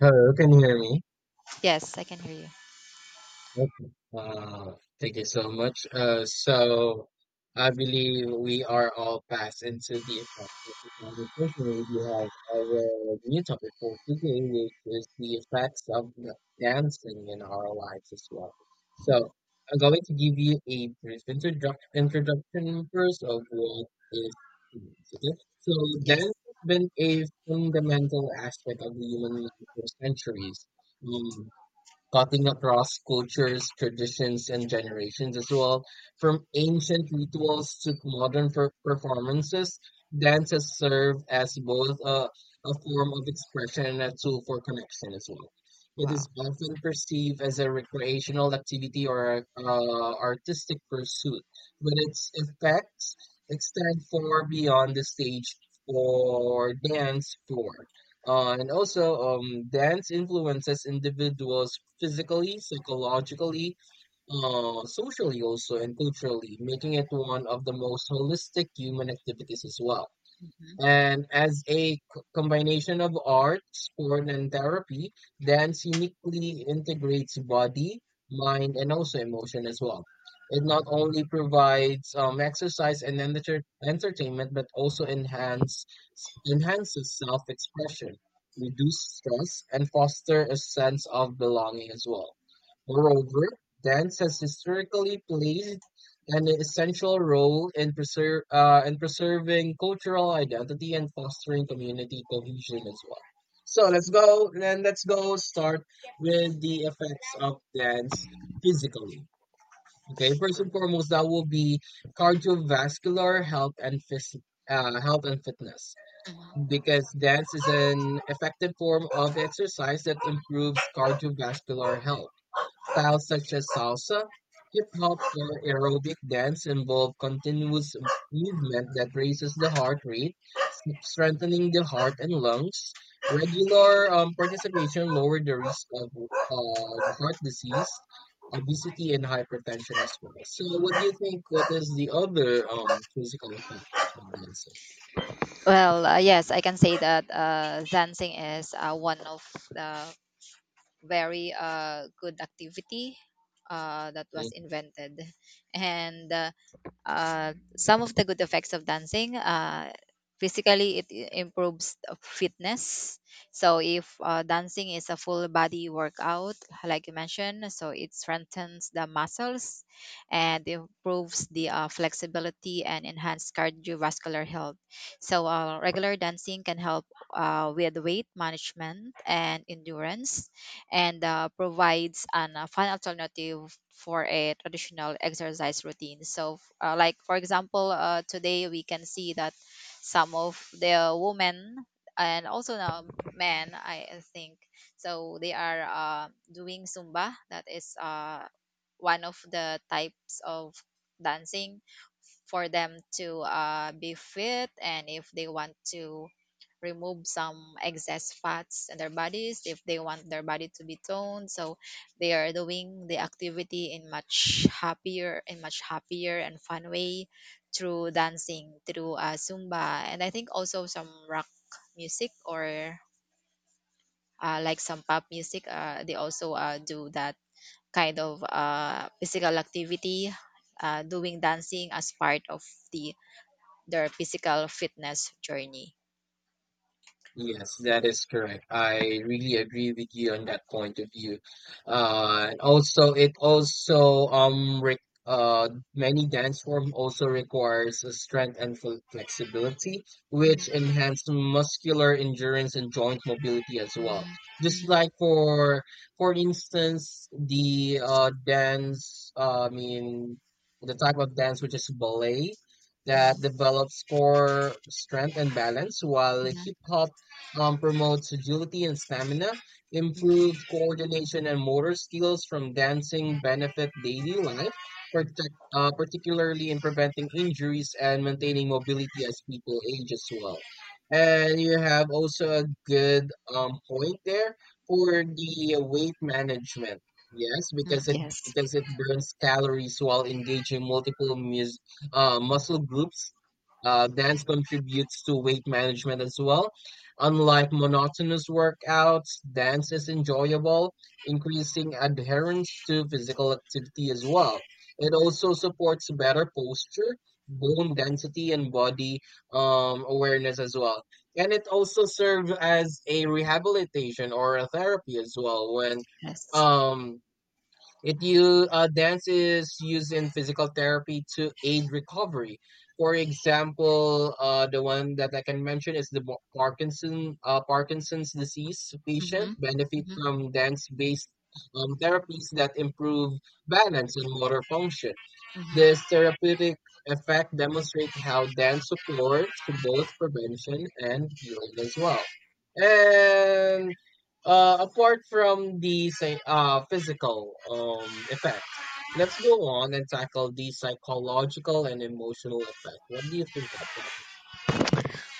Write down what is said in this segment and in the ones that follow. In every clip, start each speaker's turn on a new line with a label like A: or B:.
A: Hello, can you hear me?
B: Yes, I can hear you.
A: Okay. Thank you so much. So I believe we are all passed into the effect of the conversation. We have our new topic for today, which is the effects of the dancing in our lives as well. So
B: Mhm.
A: I'm going to give you a brief introduction first of what is dance. Okay? So
B: Yes.
A: dance has been a fundamental aspect of the human life for centuries. Mm, Cutting across cultures, traditions, and generations as well. From ancient rituals to modern performances, dances serve as both a form of expression and a tool for connection as well. It
B: Wow.
A: is often perceived as a recreational activity or a artistic pursuit, but its effects extend far beyond the stage or dance floor. Dance influences individuals physically, psychologically, socially, also, and culturally, making it one of the most holistic human activities as well.
B: Mhm.
A: And as a combination of art, sport, and therapy, dance uniquely integrates body, mind, and also emotion as well. It not only provides exercise and entertainment, but also enhances self-expression, reduce stress, and foster a sense of belonging as well. Moreover, dance has historically played an essential role in in preserving cultural identity and fostering community cohesion as well. So let's go start with the effects of dance physically. Okay, first and foremost, that will be cardiovascular health and health and fitness
B: Mhm.
A: because dance is an effective form of exercise that improves cardiovascular health. Styles such as salsa, hip hop, or aerobic dance involve continuous movement that raises the heart rate, strengthening the heart and lungs. Regular participation lowers the risk of heart disease, obesity, and hypertension as well. So, what do you think? What is the other physical effects of dancing?
B: Yes, I can say that dancing is one of the very good activity that was invented. And some of the good effects of dancing, physically improves the fitness. So if dancing is a full body workout, like you mentioned, so it strengthens the muscles and improves the flexibility and enhance cardiovascular health. So regular dancing can help with weight management and endurance, and provides an fun alternative for a traditional exercise routine. So, like for example, today we can see that some of the women, and also now men, I think, so they are doing Zumba. That is one of the types of dancing for them to be fit, and if they want to remove some excess fats in their bodies, if they want their body to be toned, so they are doing the activity in much happier and fun way through dancing, through Zumba, and I think also some rock music, or like some pop music. They also do that kind of physical activity, doing dancing as part of the their physical fitness journey.
A: Yes, that is correct. I really agree with you on that point of view. And also, it also re many dance form also requires a strength and fl flexibility,
B: Mhm, mhm,
A: which enhance muscular endurance and joint mobility as well. Just
B: mhm,
A: like for instance, the dance, I mean the type of dance which is ballet. That
B: mhm,
A: develops core strength and balance, while
B: mhm,
A: hip hop promotes agility and stamina,
B: mhm,
A: improves coordination and motor skills from dancing, benefit daily life, particularly in preventing injuries and maintaining mobility as people age as well. And you have also a good point there for the weight management. Yes,
B: mhm. Yes.
A: because it burns calories while engaging multiple muscle groups. Dance contributes to weight management as well. Unlike monotonous workouts, dance is enjoyable, increasing adherence to physical activity as well. It
B: Mhm.
A: also supports better posture, bone density, and body awareness as well. And it also serves as a rehabilitation or a therapy as well when
B: Yes.
A: um, it you dance is used in physical therapy to aid recovery. For example, the one that I can mention is the Parkinson's disease patient
B: Mhm,
A: benefit
B: mhm,
A: from dance based therapies that improve balance and motor function.
B: mhm.
A: This therapeutic effect demonstrates how dance supports both prevention and healing as well. And apart from the say, physical effects, let's go on and tackle the psychological and emotional effect. What do you think of that?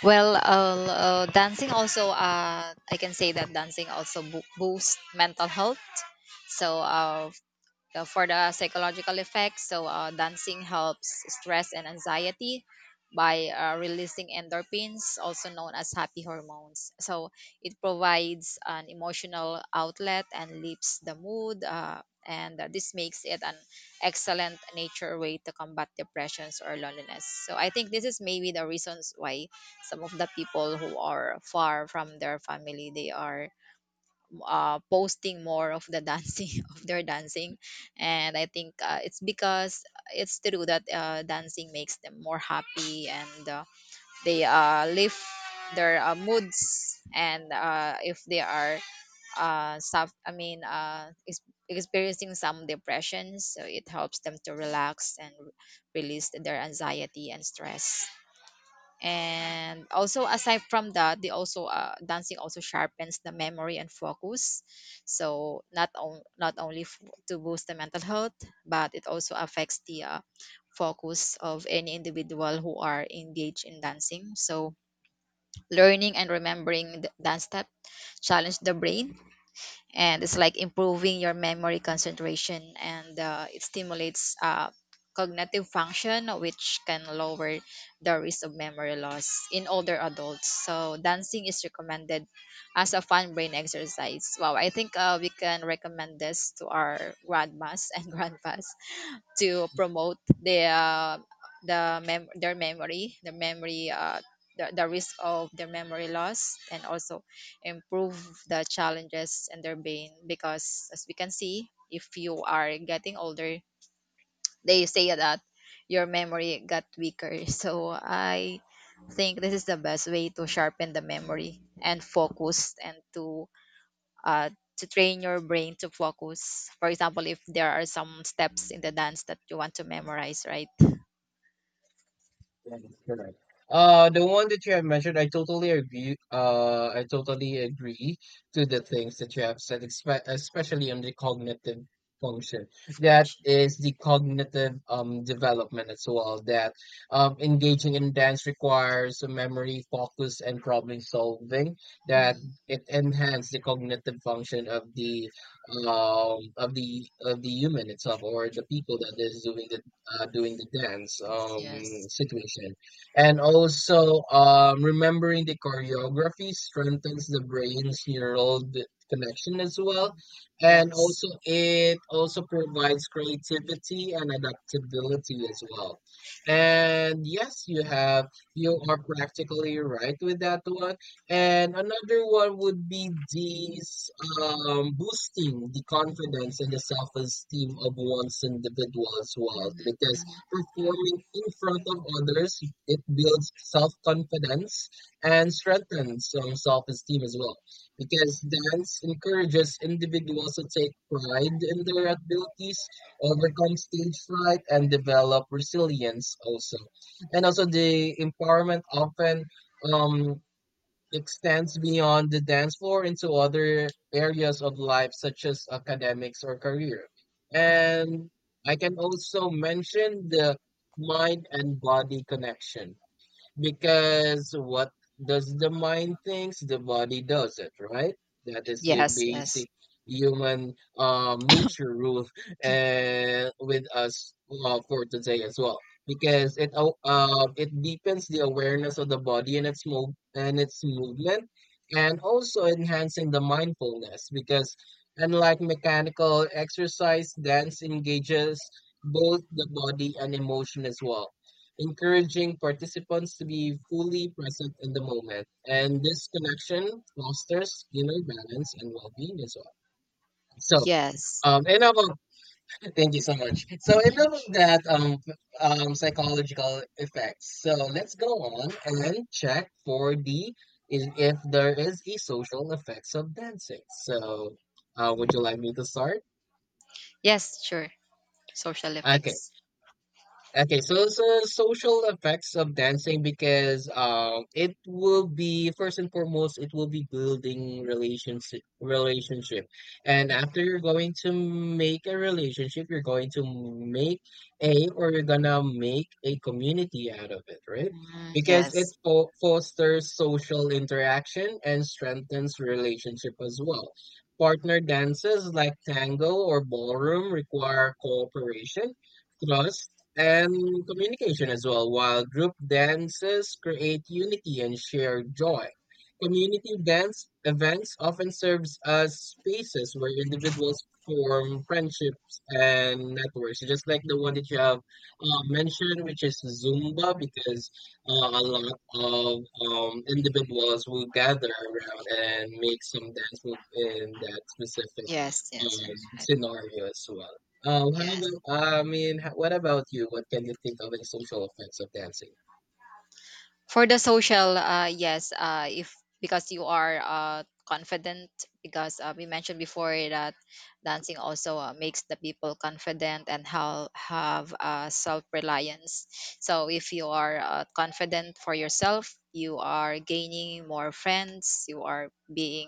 B: Dancing also, I can say that dancing also boosts mental health. So, uh, for the psychological effects, so dancing helps stress and anxiety by releasing endorphins, also known as happy hormones. So it provides an emotional outlet and lifts the mood, and this makes it an excellent nature way to combat depressions or loneliness. So I think this is maybe the reasons why some of the people who are far from their family, they are posting more of the dancing of their dancing. And I think it's because it's true that dancing makes them more happy, and they lift their moods, and if they are uh, suf- i mean uh, ex- experiencing some depression, so it helps them to relax and release their anxiety and stress. And also, aside from that, they also dancing also sharpens the memory and focus. So not only to boost the mental health, but it also affects the focus of any individual who are engaged in dancing. So learning and remembering the dance step challenge the brain, and it's like improving your memory concentration, and it stimulates cognitive function, which can lower the risk of memory loss in older adults. So dancing is recommended as a fun brain exercise. Wow, I think we can recommend this to our grandmas and grandpas to promote their their memory, the risk of their memory loss, and also improve the challenges in their brain. Because, as we can see, if you are getting older, they say that your memory got weaker. So I think this is the best way to sharpen the memory and focus, and uh, to train your brain to focus. For example, if there are some steps in the dance that you want to memorize, right?
A: That is correct. The one that you have mentioned, I totally agree. I totally agree to the things that you have said, expe especially on the cognitive function. That
B: Function.
A: is the cognitive development as well. That Engaging in dance requires a memory, focus, and problem solving. That
B: Mhm,
A: it enhances the cognitive function of the human itself or the people
B: mhm.
A: that is doing the dance
B: Yes, yes.
A: situation, and also remembering the choreography strengthens the brain's neural connection as well,
B: Mhm.
A: and
B: Yes.
A: also it also provides creativity and adaptability as well.
B: Oh.
A: And yes, you are practically right with that one, and another one would be these boosting the confidence and the self-esteem of one's individual as well.
B: Mhm,
A: Because
B: mhm,
A: performing in front of others, it builds self-confidence and
B: mhm,
A: strengthens self-esteem as well. Because dance encourages individuals to take pride in their abilities, overcome stage fright, and develop resilience also. And also the empowerment often um extends beyond the dance floor into other areas of life, such as academics or career.
B: mhm.
A: And I can also mention the mind and body connection. Because what does the mind thinks, the body does it, right? That is the
B: Yes, yes.
A: basic human nature rule with us for today as well. Because it it deepens the awareness of the body and its movement, and also enhancing the mindfulness. Because unlike mechanical exercise, dance engages both the body and emotion as well,
B: Mhm,
A: encouraging participants to be fully present in the moment. And this connection fosters inner balance and well-being as well. So,
B: yes,
A: enough of thank you so much. So enough of that psychological effects. So let's go on and check for the is if there is a social effects of dancing. So, would you like me to start?
B: yes, sure. Social
A: Okay.
B: effects.
A: Okay, so social effects of dancing because it will be first and foremost, it will be building relationship, and after
B: Mhm,
A: you're going to make a relationship, you're going to make a or you're gonna make a community out of it, right?
B: mhm.
A: Because it
B: Yes.
A: fo fosters social interaction and strengthens relationship as well. Partner dances like tango or ballroom require cooperation. Trust and communication as well, while group dances create unity and shared joy. Community dance events often serves as spaces where individuals form friendships and networks, just like the one that you have mentioned, which is Zumba, because a lot of individuals will gather around and make some dance move in that specific
B: Yes, yes, that's right.
A: scenario as well. How
B: Yes.
A: about, I mean, h- What about you? What can you think of a social effects of dancing?
B: For the social, yes, if because you are confident, because we mentioned before that dancing also makes the people confident and how have self reliance. So if you are confident for yourself, you are gaining more friends. You are being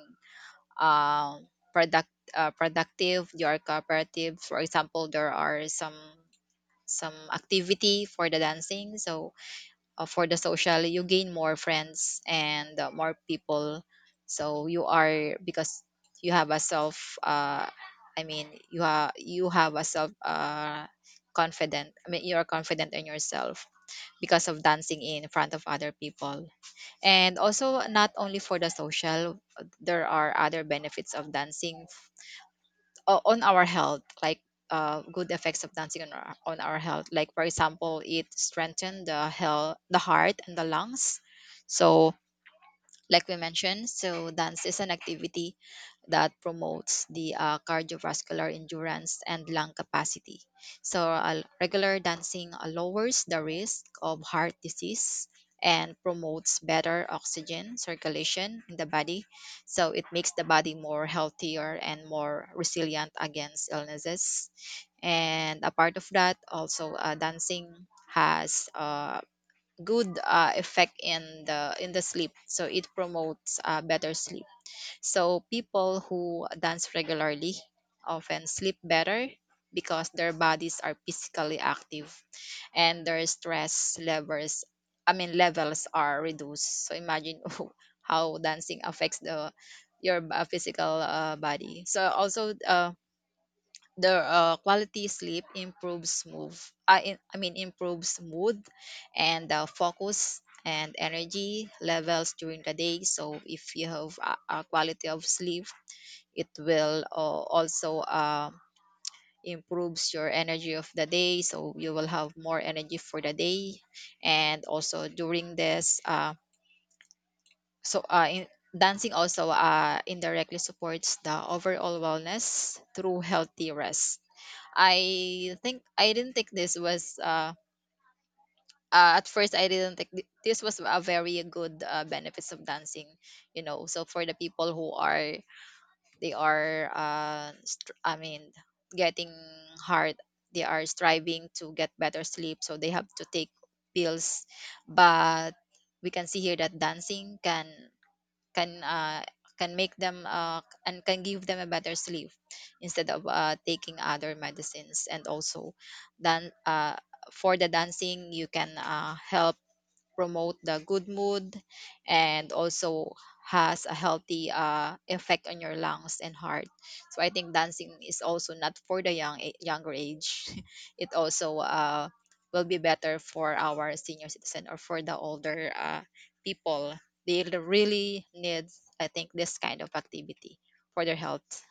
B: um productive. You are cooperative. For example, there are some activity for the dancing. So for the social, you gain more friends and more people. So you are, because you have a self I mean you have a self confident I mean you're confident in yourself because of dancing in front of other people. And also, not only for the social, there are other benefits of dancing on our health, like good effects of dancing on on our health. Like for example, it strengthened the health, the heart, and the lungs. So like we mentioned, so dance is an activity that promotes the cardiovascular endurance and lung capacity. So regular dancing lowers the risk of heart disease and promotes better oxygen circulation in the body, so it makes the body more healthier and more resilient against illnesses. And a part of that, also dancing has good effect in the sleep. So it promotes better sleep. So people who dance regularly often sleep better because their bodies are physically active and their stress levels I mean levels are reduced. So imagine how dancing affects the your physical body. So also, the quality sleep improves move I, in- I mean improves mood and focus and energy levels during the day. So if you have a quality of sleep, it will also improves your energy of the day, so you will have more energy for the day. And also during so uh, in, dancing also indirectly supports the overall wellness through healthy rest. I think I didn't think this was at first. I didn't think this was a very good benefits of dancing, you know. So for the people who are, they are getting hard, they are striving to get better sleep, so they have to take pills. But we can see here that dancing can can uh, can make them and can give them a better sleep instead of taking other medicines. And also then for the dancing, you can help promote the good mood, and also has a healthy effect on your lungs and heart. So I think dancing is also not for the younger age. It also will be better for our senior citizen, or for the older people. They really need, I think, this kind of activity for their health.